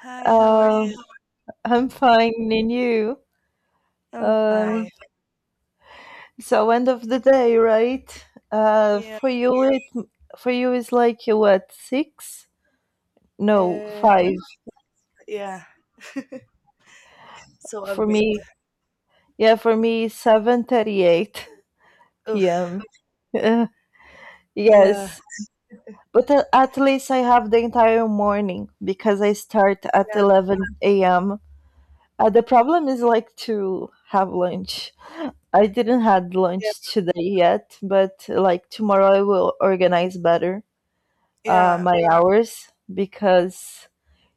Hi, how are Uh, you? I'm fine, and you? I'm Um, fine. so end of the day, right? Uh, Yeah. for you it for you is like what, six? No, Uh, five. yeah. So a For bit. me, yeah, for me 7:38 Oof. p.m. Uh, Yeah. yes, but at least I have the entire morning because I start at Yeah. 11 a.m. The problem is like to have lunch. I didn't had Yeah. lunch today yet, but like tomorrow I will organize better Yeah. my hours because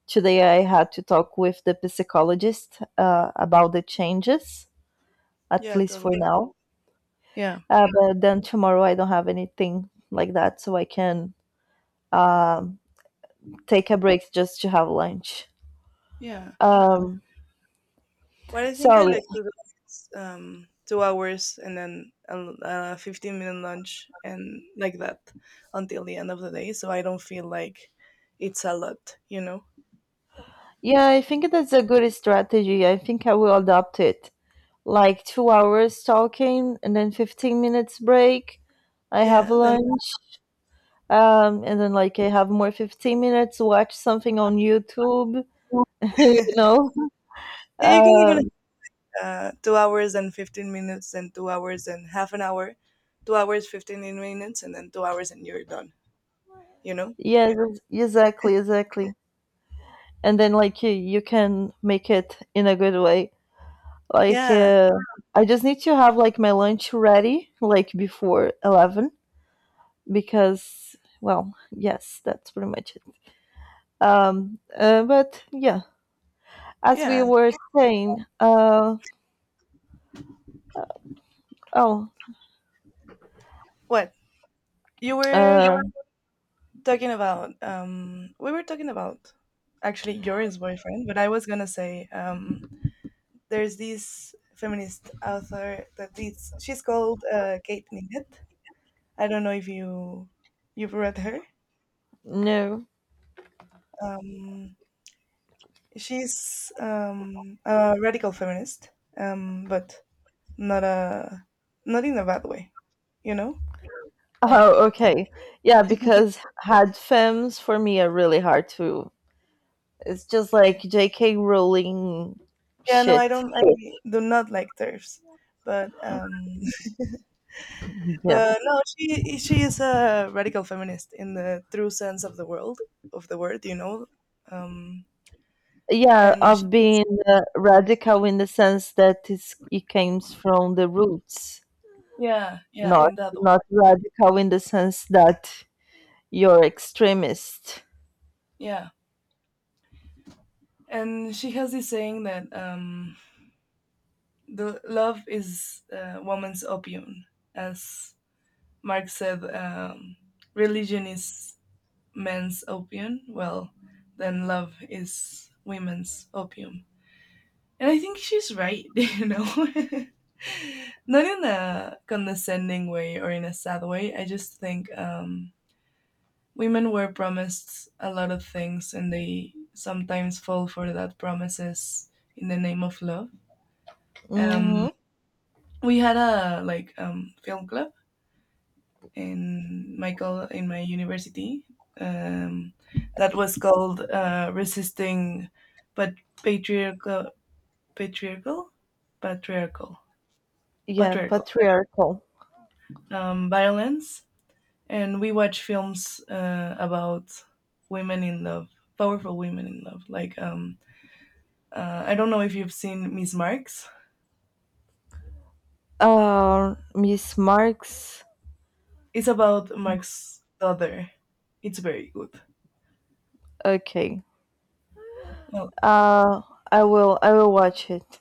today I had to talk with the psychologist about the changes, at Yeah. least for Totally. now. Yeah. But then tomorrow I don't have anything like that, so I can um, take a break just to have lunch. Yeah. Um, What I think so I like to do is 2 hours and then a 15-minute lunch and like that until the end of the day, so I don't feel like it's a lot. Yeah, I think that's a good strategy. I think I will adopt it. Like 2 hours talking and then 15 minutes break. I have Yeah. Then lunch, and then like I have more 15 minutes, watch something on YouTube, you know? yeah, you can even Um, 2 hours and 15 minutes, then 2 hours and half an hour, 2 hours, 15 minutes, and then 2 hours, and you're done, you know? yeah, exactly, exactly. And then like you can make it in a good way. Like Yeah, I just need to have like my lunch ready, like before 11, because well, yes, that's pretty much it. But yeah, as we yeah. were saying, oh, What? You were uh, talking about, we were talking about actually your ex boyfriend, but I was gonna say, there's this feminist author that is, she's called Kate Millett. I don't know if you've read her. no. Um, she's a radical feminist, but not a not in a bad way, you know. Like Oh, okay. Yeah, because had femmes for me are really hard to. It's just like J.K. Rowling yeah, no, I shit. don't. I do not like turfs, but Yeah. but no, she is a radical feminist in the true sense of the word. Um, Yeah, and she, of being radical in the sense that it's, it comes from the roots, yeah, yeah, in that way, not radical in the sense that you're extremist. yeah. And she has this saying that the love is woman's opium, as Marx said. Religion is men's opium, well, then love is women's opium. And I think she's right. Not in a condescending way or in a sad way. I just think women were promised a lot of things and they sometimes fall for that promises in the name of love. Um, Hmm. we had a like film club in my in my university, um, that was called resisting but patriarchal patriarchal patriarchal Yeah, patriarchal patriarchal. Violence, and we watch films about women in love, powerful women in love, like I don't know if you've seen Miss Marx. Miss Marks. It's about Marx's daughter. It's very good. Okay. well, Uh, I will watch it.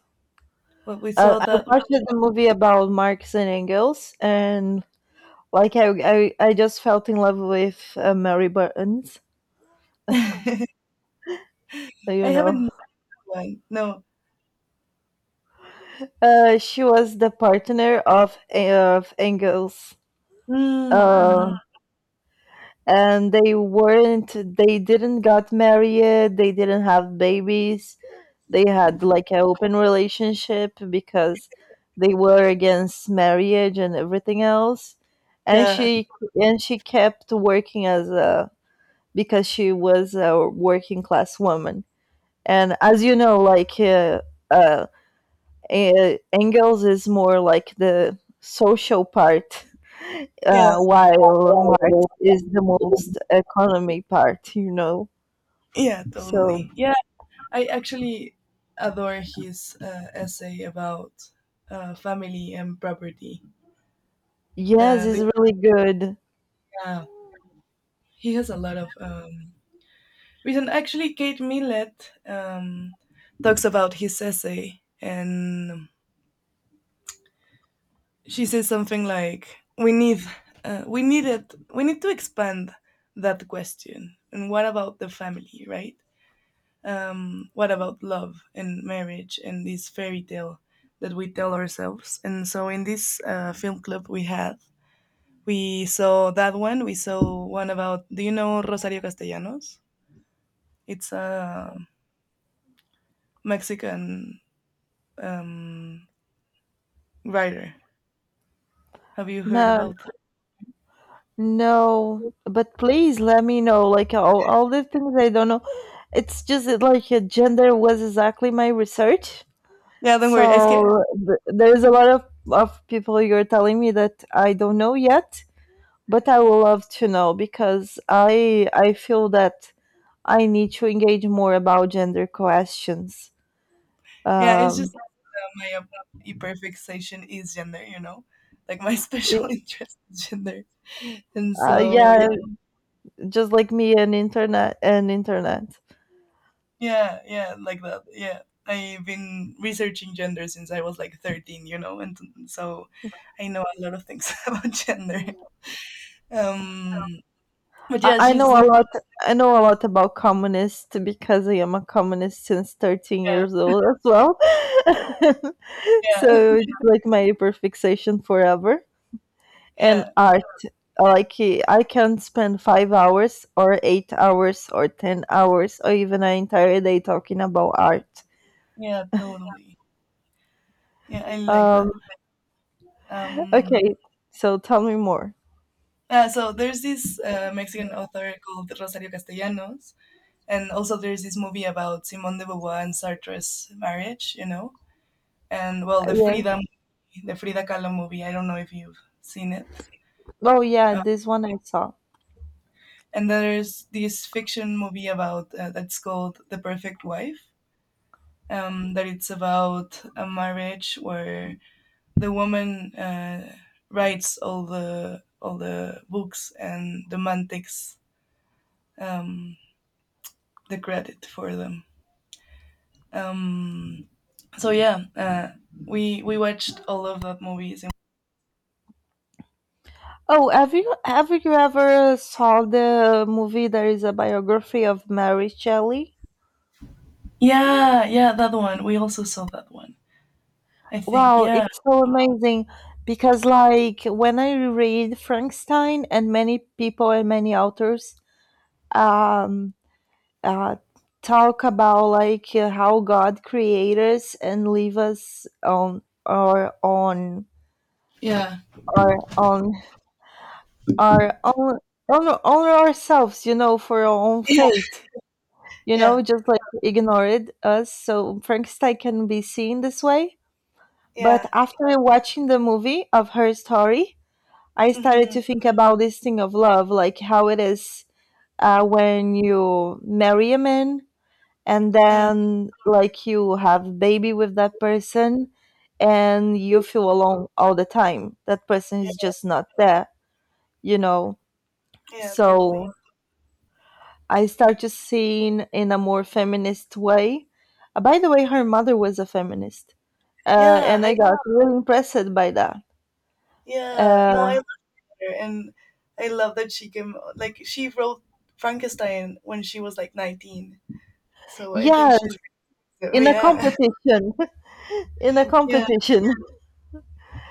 well we saw I that. watched the movie about Marx and Engels, and like I just felt in love with Mary Burns. I You haven't know, seen that one, no. She was the partner of Engels. Mm, mhm. Uh, and they weren't. They didn't got married. They didn't have babies. They had like an open relationship because they were against marriage and everything else and Yeah. she and she kept working as a because she was a working class woman and as you know like uh, Engels is more like the social part, Yeah. While Marx is the most economy part, you know, Yeah, so totally. Yeah, I actually adore his essay about family and property. yes, Uh, it's the, really good. uh, he has a lot of reason. Actually, Kate Millett talks about his essay, and she says something like, "We need it. We need to expand that question. And what about the family, right? What about love and marriage and this fairy tale that we tell ourselves." And so in this film club we had, we saw that one. We saw one about, do you know Rosario Castellanos? It's a Mexican um, writer. Have you heard Ma- about? No, but please let me know. Like all the things I don't know. It's just that, like gender was exactly my research. Yeah, don't worry. So there's a lot of people you're telling me that I don't know yet, but I would love to know because I feel that I need to engage more about gender questions. Yeah, it's Um, just my hyperfixation is gender, like my y- special interest is gender. And so yeah, just like me and internet and internet. Yeah, yeah, like that. Yeah. I've been researching gender since I was like 13, and so I know a lot of things about gender. Um, but yeah, I know she's a lot. I know a lot about communists because I am a communist since 13 yeah, years old as well. yeah, So it's like my hyperfixation forever. And yeah, art, like I can spend 5 hours or 8 hours or 10 hours or even an entire day talking about art. yeah, totally. Yeah, I like Um, that. Um, okay, so tell me more. So there's this Mexican author called Rosario Castellanos, and also there's this movie about Simone de Beauvoir and Sartre's marriage, and well, the Yeah. Frida, the Frida Kahlo movie. I don't know if you've seen it. Oh yeah, this one I saw. And there's this fiction movie about that's called The Perfect Wife. That it's about a marriage where the woman writes all the books and the man takes um, the credit for them. Um, so yeah, we watched all of that movies. Oh, have you ever saw the movie? There is a biography of Mary Shelley. Yeah, yeah, that one. We also saw that one. I think. Wow, Yeah, it's so amazing because like when I read Frankenstein and many people and many authors um, uh, talk about like how God created us and leave us on yeah, our on our own, on ourselves, you know, for our own yeah, fate. You know, yeah, just like ignored us. So Frankenstein can be seen this way. But yeah. after watching the movie of her story, I started Mm-hmm. to think about this thing of love, like how it is when you marry a man and Mm, then like you have baby with that person and you feel alone all the time. That person is yeah, just not there, you know. yeah, totally. So I started seeing in a more feminist way. By the way, her mother was a feminist, Yeah, and I I got really impressed by that. yeah. No, I Uh, love her and I love that she came like she wrote Frankenstein when she was like 19. So I think yes, she's. in a Yeah. competition, in a Yeah. competition,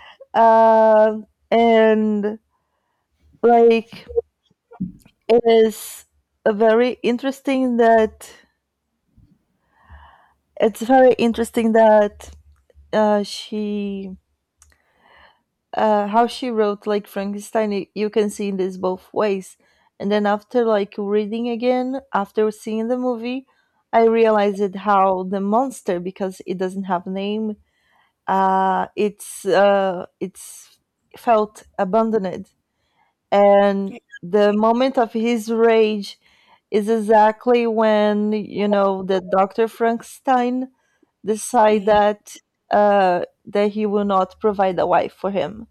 uh, and like it is a very interesting that it's very interesting that she how she wrote like Frankenstein, you can see in this both ways. And then after like reading again, after seeing the movie, I realized it how the monster, because it doesn't have name. It's felt abandoned, and the moment of his rage is exactly when you know the Doctor Frankenstein decide Mhm. that that he will not provide a wife for him.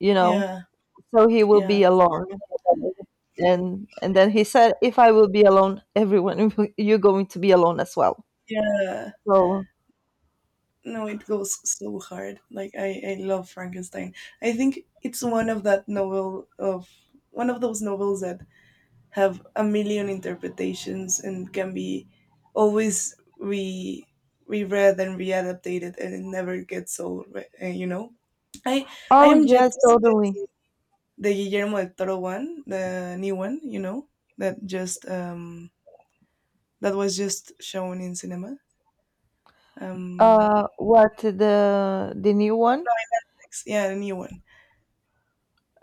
You know, Yeah. so he will Yeah. be alone, and then he said, if I will be alone, everyone will- you're going to be alone as well. Yeah. So No, it goes so hard. Like I love Frankenstein. I think it's one of those novels that have a million interpretations and can be always re reread and readapted, and it never gets old. i I oh am yet yes, to see totally. the Guillermo del Toro one, the new one, that just um that was just shown in cinema. um Uh, what, the new one? ex- yeah the new one.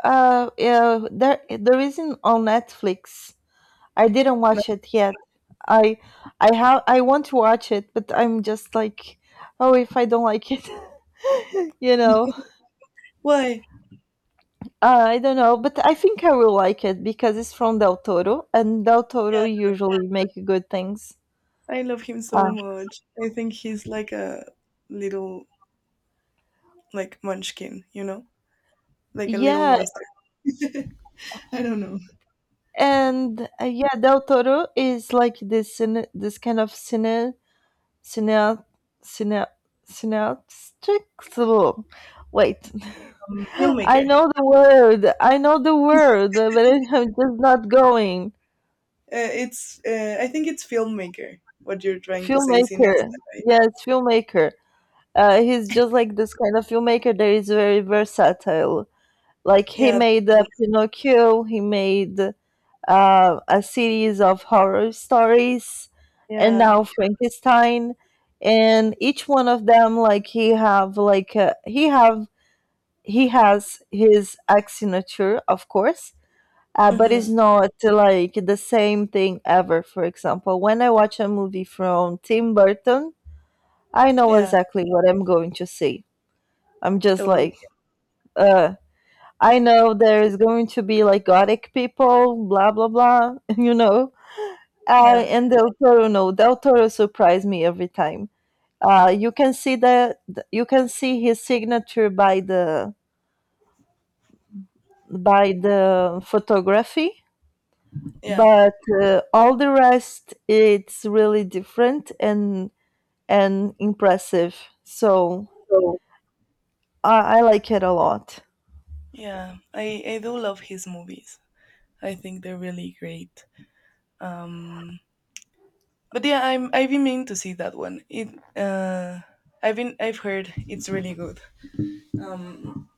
Uh yeah, there isn't on Netflix. I didn't No. watch it yet. i I have I want to watch it, but I'm just like, oh, if I don't like it, you know. Why? I don't know, but I think I will like it because it's from Del Toro, and Del Toro Yeah, usually make good things. I love him Uh, so much. I think he's like a little, like, munchkin, like a little yeah, monster. I don't know. Yeah, Del Toro is like this cine, this kind of cine, cine, cineastic. Wait, Mm, I filmmaker. know the word. I know the word, but I'm just not going. It's I think it's filmmaker. What you're trying to say, Filmmaker, cineasta, right? yes, filmmaker. He's just like this kind of filmmaker that is very versatile. Like he Yeah, made Pinocchio. He made a series of horror stories, and yeah, now Frankenstein, and each one of them like he has his signature, of course. But it's hmm not like the same thing ever. For example, when I watch a movie from Tim Burton, I know yeah, exactly what I'm going to see. I'm just totally. like, uh, I know there is going to be like gothic people, blah blah blah, you know. Yeah, And Del Toro, no, Del Toro surprised me every time. You can see the you can see his signature by the photography, yeah, but all the rest it's really different and impressive. So so, I like it a lot. yeah. I do love his movies. I think they're really great. Um, but yeah, I've been meaning to see that one. It uh, I've been I've heard it's really good. Um,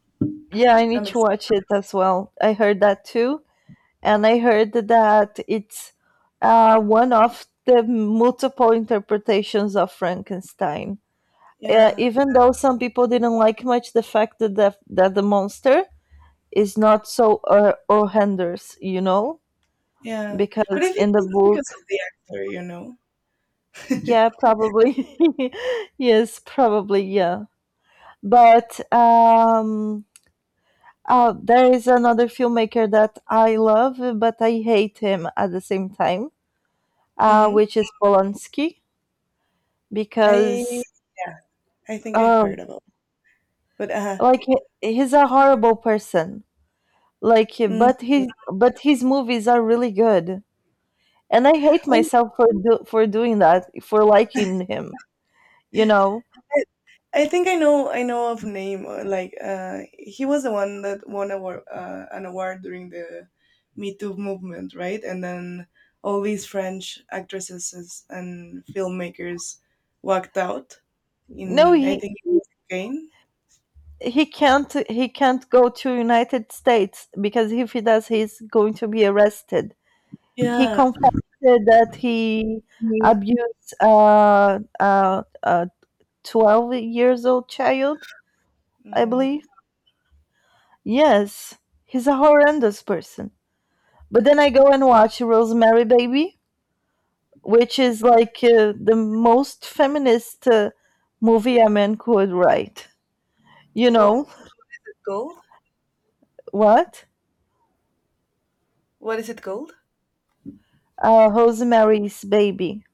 Yeah, I need I'm to ex- watch it as well. I heard that too, and I heard that it's one of the multiple interpretations of Frankenstein. Uh, yeah, even though some people didn't like much the fact that that the monster is not so horrendous, you know, yeah. because But I think in the that's book, because of the actor. yeah, probably, yes, probably, yeah. But There is another filmmaker that I love, but I hate him at the same time, Mm-hmm. which is Polanski, I because yeah. I think I've uh, heard about it. But like he's a horrible person. Like, mm, but his movies are really good, and I hate oh, myself for doing that, for liking him. You know, I, I think I know of name, like, he was the one that won an award during the Me Too movement, right? And then all these French actresses and filmmakers walked out no, in, I he think it was, Spain. He can't go to United States because if he does, he's going to be arrested. He Yeah. confessed that he abused a 12 years old child, I No. believe. Yes, he's a horrendous person. But then I go and watch Rosemary Baby, which is like the most feminist movie a man could write. You What? know Gold, what? what is it called? Rosemary's Baby.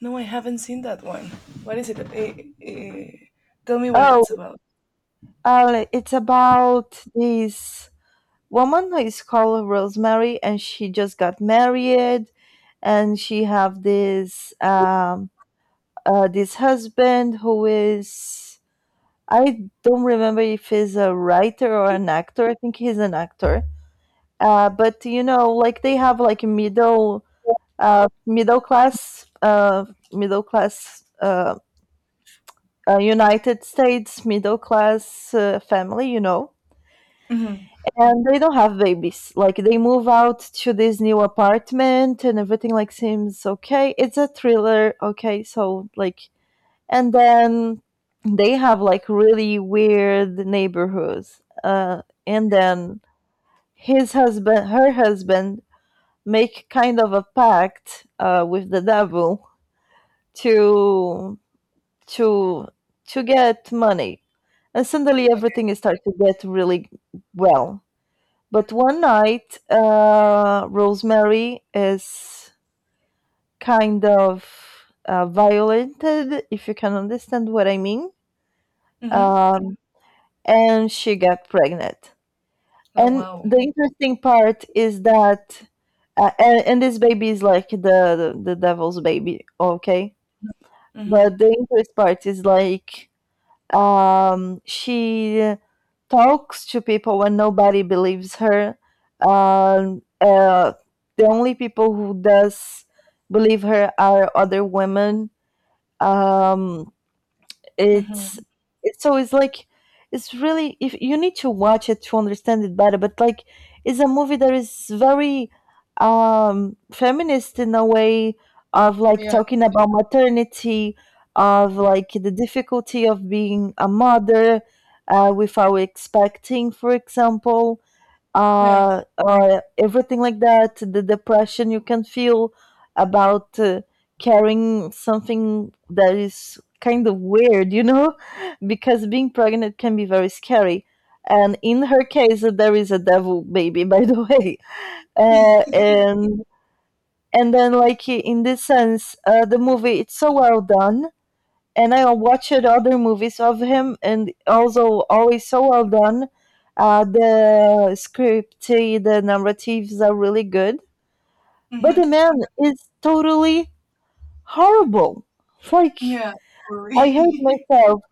No, I haven't seen that one. What is it? Eh, Tell me what Oh, it's about. It's about this woman who is called Rosemary, and she just got married, and she have this husband who is I don't remember if he's a writer or an actor. I think he's an actor. But you know, like they have like uh, middle class uh, middle class United States middle class family, you know, and they don't have babies. Like they move out to this new apartment and everything like seems okay. It's a thriller, okay, so like and then they have like really weird neighborhoods. And then her husband make kind of a pact with the devil to to to get money and suddenly everything starts to get really well. But one night Rosemary is kind of violated, if you can understand what I mean. Hmm. um, and she got pregnant Oh, and wow. the interesting part is that and this baby is like the devil's baby, okay. Mhm, But the interest part is like she talks to people when nobody believes her. Um, uh, the only people who does believe her are other women. Um, it's mhm. It's like it's really if you need to watch it to understand it better, but like it's a movie that is very feminist in a way of like Yeah, talking about maternity, of like the difficulty of being a mother without expecting, for example, yeah. Everything like that, the depression you can feel about carrying something that is kind of weird, you know, because being pregnant can be very scary. And in her case, there is a devil baby, by the way. Uh, and and then, like in this sense, the movie it's so well done and I watched other movies of him, and also always so well done. The script, the narratives are really good, but the Mhm. man is totally horrible. Like Yeah, worry. I hate myself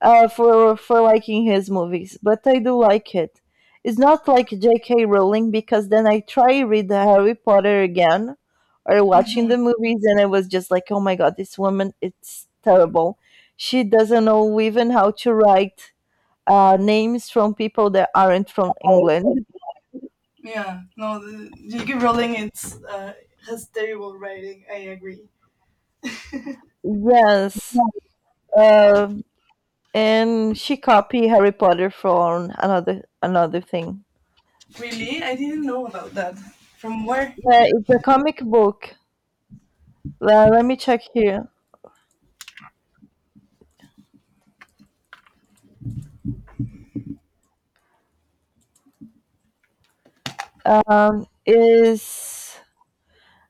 for liking his movies, but I do like it. It's not like J.K. Rowling because then I try read the Harry Potter again or watching Mhm. the movies, and I was just like, oh my god, this woman, it's terrible. She doesn't know even how to write names from people that aren't from England. Yeah. No, the J.K. Rowling it's has terrible writing. I agree. Yes, uh, and she copied Harry Potter from another thing. Really? I didn't know about that. From where? Yeah, it's a comic book. Let me check here. Is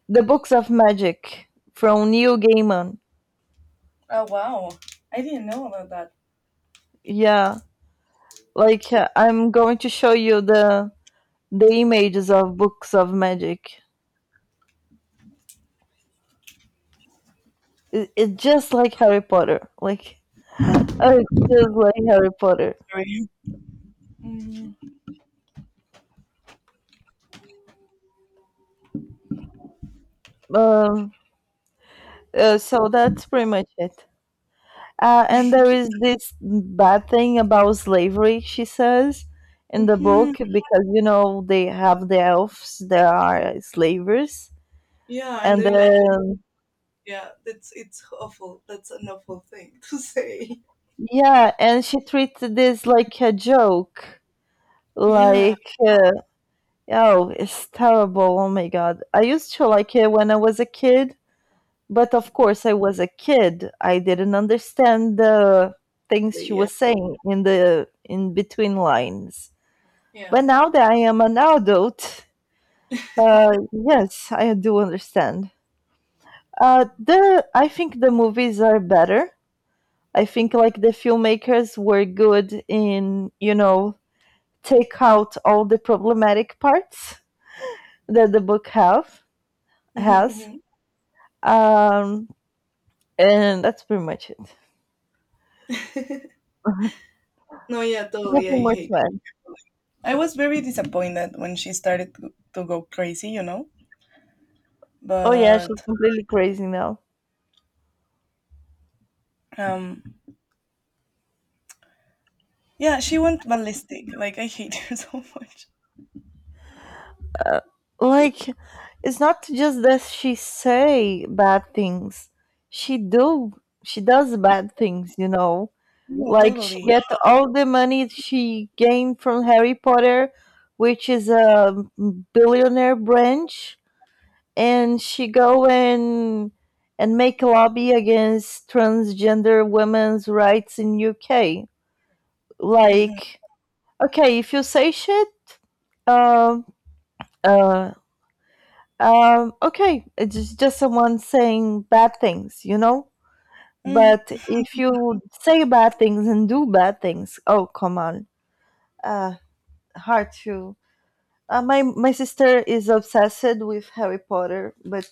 the books of magic from Neil Gaiman. Oh, wow. I didn't know about that. Yeah, like I'm going to show you the images of books of magic. It's just like Harry Potter, like uh, I'm just like Harry Potter. sorry. Mm-hmm. Um, so that's pretty much it. And there is this bad thing about slavery, she says, in the book because you know they have the elves, there are slavers, Yeah, and and they like to. then Yeah, that's it's awful. That's an awful thing to say. yeah, and she treated this like a joke. Yeah, Like, uh, oh, it's terrible. Oh my God. I used to like it when I was a kid, but of course, I was a kid. I didn't understand the things she yeah, was saying in the in between lines. yeah. But now that I am an adult, yes, I do understand. The I think the movies are better. I think like the filmmakers were good in, you know, take out all the problematic parts that the book have has. Mm-hmm, Um, and that's pretty much it. mm-hmm. No, yeah, totally. I Nothing more hate. to add. I was very disappointed when she started to go crazy. Oh yeah, she's But completely crazy now. um, yeah, she went ballistic. Like I hate her so much. Like, it's not just that she say bad things. She do. She does bad things. You know, Yeah, like she totally. get all the money she gained from Harry Potter, which is a billionaire branch and she go and make lobby against transgender women's rights in UK. Hmm. Like, okay, if you say shit, um, uh, okay, it's just someone saying bad things, you know. Mm, But if you say bad things and do bad things, oh come on, uh, hard to. My sister is obsessed with Harry Potter, but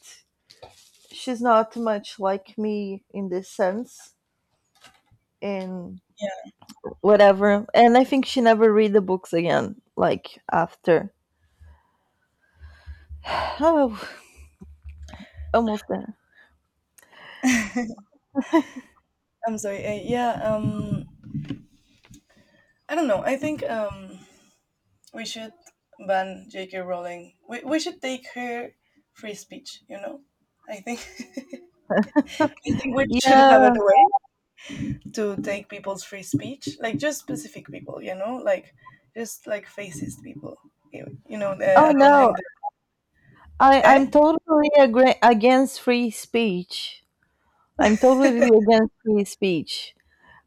she's not much like me in this sense and yeah, whatever, and I think she never read the books again like after. Oh, almost there. I'm sorry. Yeah, I don't know. I think we should ban J.K. Rowling. We should take her free speech. I think. I think we should Yeah, have a way to take people's free speech, like just specific people, like just like fascist people, oh no, attending the i eh. i'm totally against free speech. I'm totally against free speech.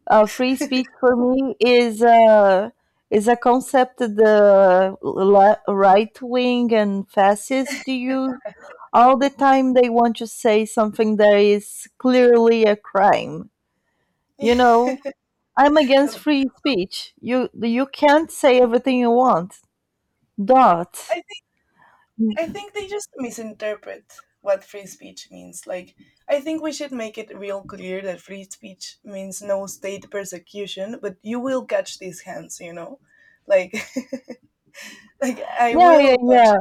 Free speech for me is a concept that the right wing and fascists use all the time they want to say something that is clearly a crime. You know, I'm against No, free speech. You can't say everything you want. I Dot. think Yeah, they just misinterpret what free speech means. Like I think we should make it real clear that free speech means no state persecution, but you will catch these hands, like like I yeah, will punch. yeah.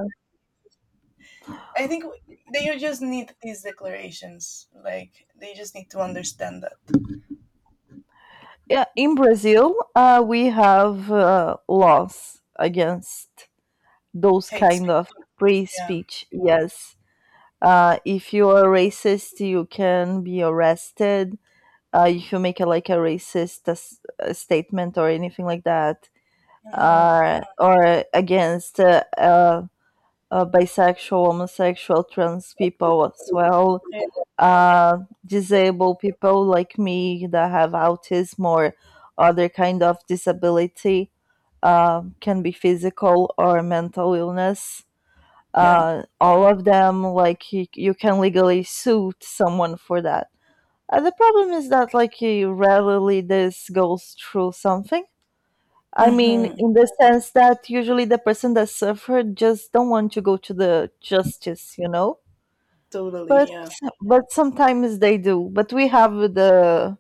I think they just need these declarations. Like they just need to understand that Yeah, in Brazil, we have laws against those hate kind speech. of free Yeah. speech. Yes, if you are racist, you can be arrested. If you make a, like a racist statement or anything like that, Mm-hmm. Or against bisexual, homosexual, trans people as well, Yeah. uh, disabled people like me that have autism or other kind of disability, can be physical or mental illness. Yeah. All of them, like you can legally sue someone for that. The problem is that, like, rarely this goes through something. I mean, Mm-hmm. in the sense that usually the person that suffered just don't want to go to the justice, you know. Totally. But Yeah. Sometimes they do. But we have the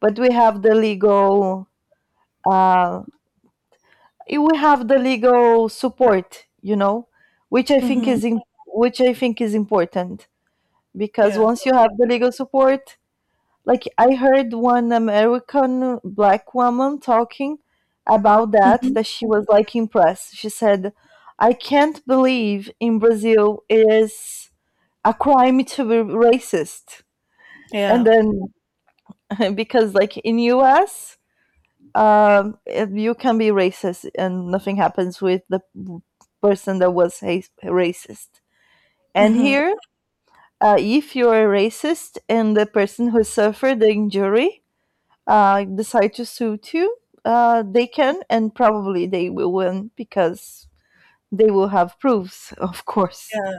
but we have the legal uh support, you know, which I think Mm-hmm. is in, which I think is important because Yeah. once you To- have the legal support, like I heard one American black woman talking about that, mm-hmm. that she was like impressed. She said, "I can't believe in Brazil it is a crime to be racist." And Yeah. then because like in US, you can be racist and nothing happens with the person that was racist. And Mm-hmm. here, if you are racist and the person who suffered the injury decide to sue too. Uh, they can and probably they will win because they will have proofs, of course. Yeah.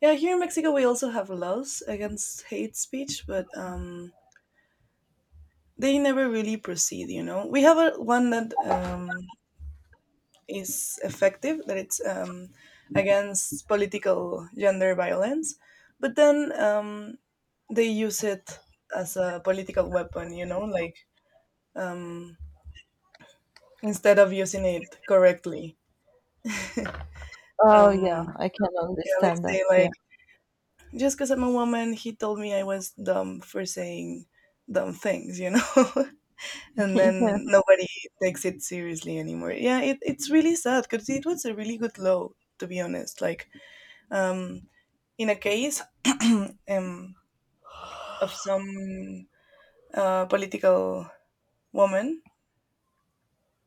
Yeah. Here in Mexico, we also have laws against hate speech, but they never really proceed. You know, we have a, one that is effective, that it's against political gender violence, but then they use it as a political weapon, like um, instead of using it correctly. Oh Um, yeah, I can yeah, understand they say, that. Yeah, like, just because I'm a woman, he told me I was dumb for saying dumb things, you know? And yeah. then nobody takes it seriously anymore. Yeah, it, it's really sad because it was a really good law, to be honest. Like, um, in a case um, of some political woman.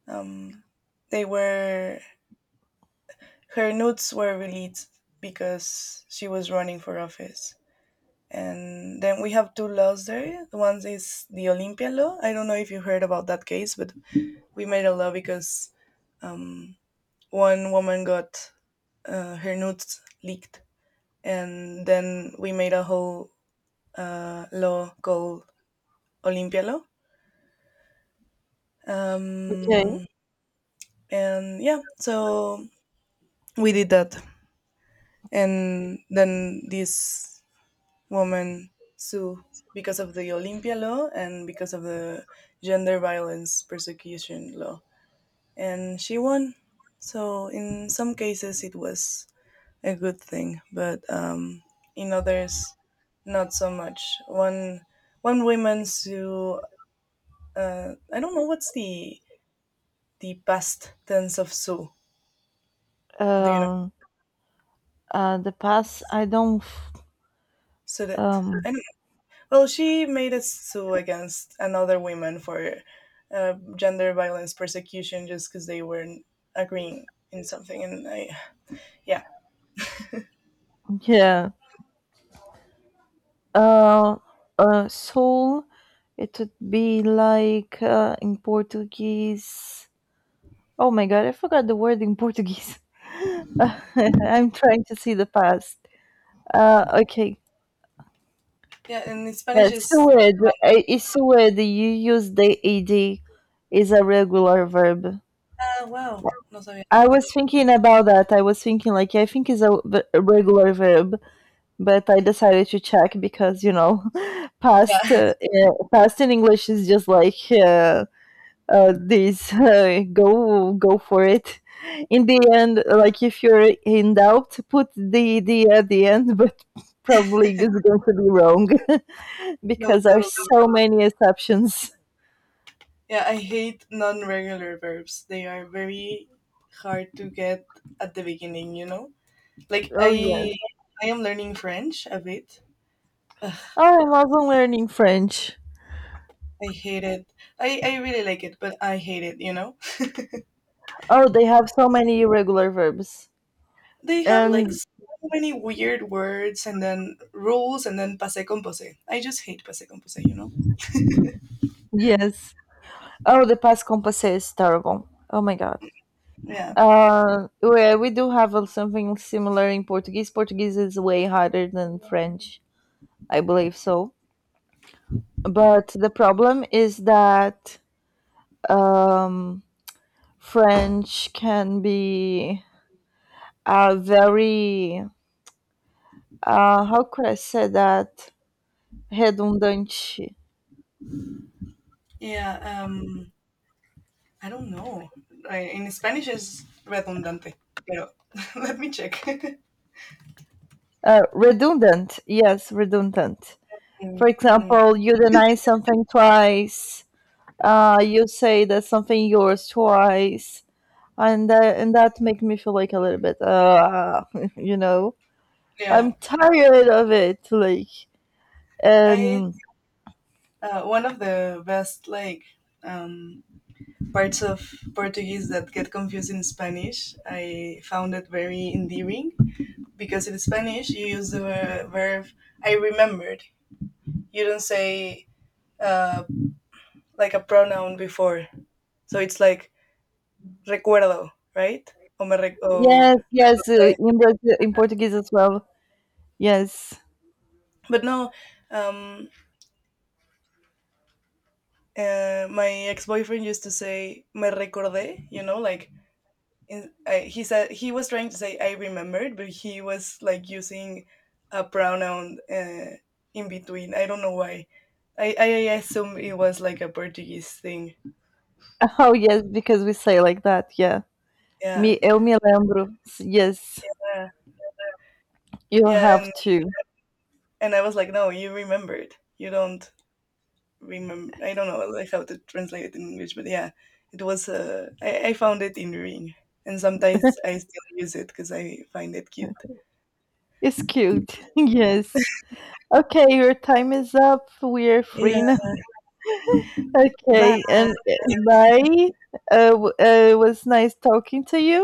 Um, they were, her nudes were released because she was running for office. And then we have two laws there. One is the Olympia law. I don't know if you heard about that case, but we made a law because um, one woman got her nudes leaked, and then we made a whole law called Olympia law, Okay. um, and yeah, so we did that, and then this woman sued because of the Olympia law and because of the gender violence persecution law, and she won. So in some cases it was a good thing, but in others, not so much. One, one woman sue, I don't know what's the past tense of sue. Do you know? Um, the past I don't. Sudet. Um, I don't know. Well, she made a sue against another women for gender violence persecution just because they weren't agreeing in something. And I, yeah. yeah. Uh, Soul. It would be like in Portuguese. Oh my god, I forgot the word in Portuguese. I'm trying to see the past. Okay. Yeah, and in Uh, Spanish is, sued, is sued, you use the ed. Is a regular verb. ah, wow, no sabía. I was thinking about that. I was thinking, like, I think it's a regular verb, but I decided to check because, you know, Yeah, past past in English is just like this go for it. In the end, like if you're in doubt, put the ed at the end, but probably is going to be wrong no, because there are totally. so many exceptions. Yeah, I hate non regular verbs. They are very hard to get at the beginning, you know? Like, Oh yes. I am learning French a bit. Ugh, Oh, I love learning French. I hate it. I really like it, but I hate it, you know? Oh, they have so many irregular verbs. They have And like so many weird words and then rules and then passé composé. I just hate passé composé, you know? yes. Oh, the past composé is terrible. Oh my god. Yeah. We do have something similar in Portuguese. Portuguese is way harder than French, I believe so. But the problem is that um, French can be uh, very, how could I say that? Redundante. Yeah. Um, I don't know. I, in Spanish is redundante, pero let me check. Redundant, yes, redundant. For Mm, mm. example, you deny something twice. You say that something yours twice, and that make me feel like a little bit, you know, Yeah. I'm tired of it. Like, I and one of the best, like, um, parts of Portuguese that get confused in Spanish, I found it very endearing because in Spanish you use the verb I remembered. You don't say uh, like a pronoun before. So it's like recuerdo, right? O me rec- o yes, yes, eh, in Brazil, in Portuguese as well. Yes, but no, um, my ex boyfriend used to say me recordé, you know, like in, I, he said he was trying to say I remembered, but he was like using a pronoun in between. I don't know why. I assume it was like a Portuguese thing. oh yes, because we say like that. Yeah, Yeah, me, eu me lembro. Yes, yeah, you yeah. have And to. I was like, no, you remembered. You don't. Remember. I don't know like how to translate it in English, but yeah, it was. I found it in ring, and sometimes I still use it because I find it cute. It's cute. yes. Okay, your time is up. We are Yeah. free now. Bye. Okay, and bye. It was nice talking to you.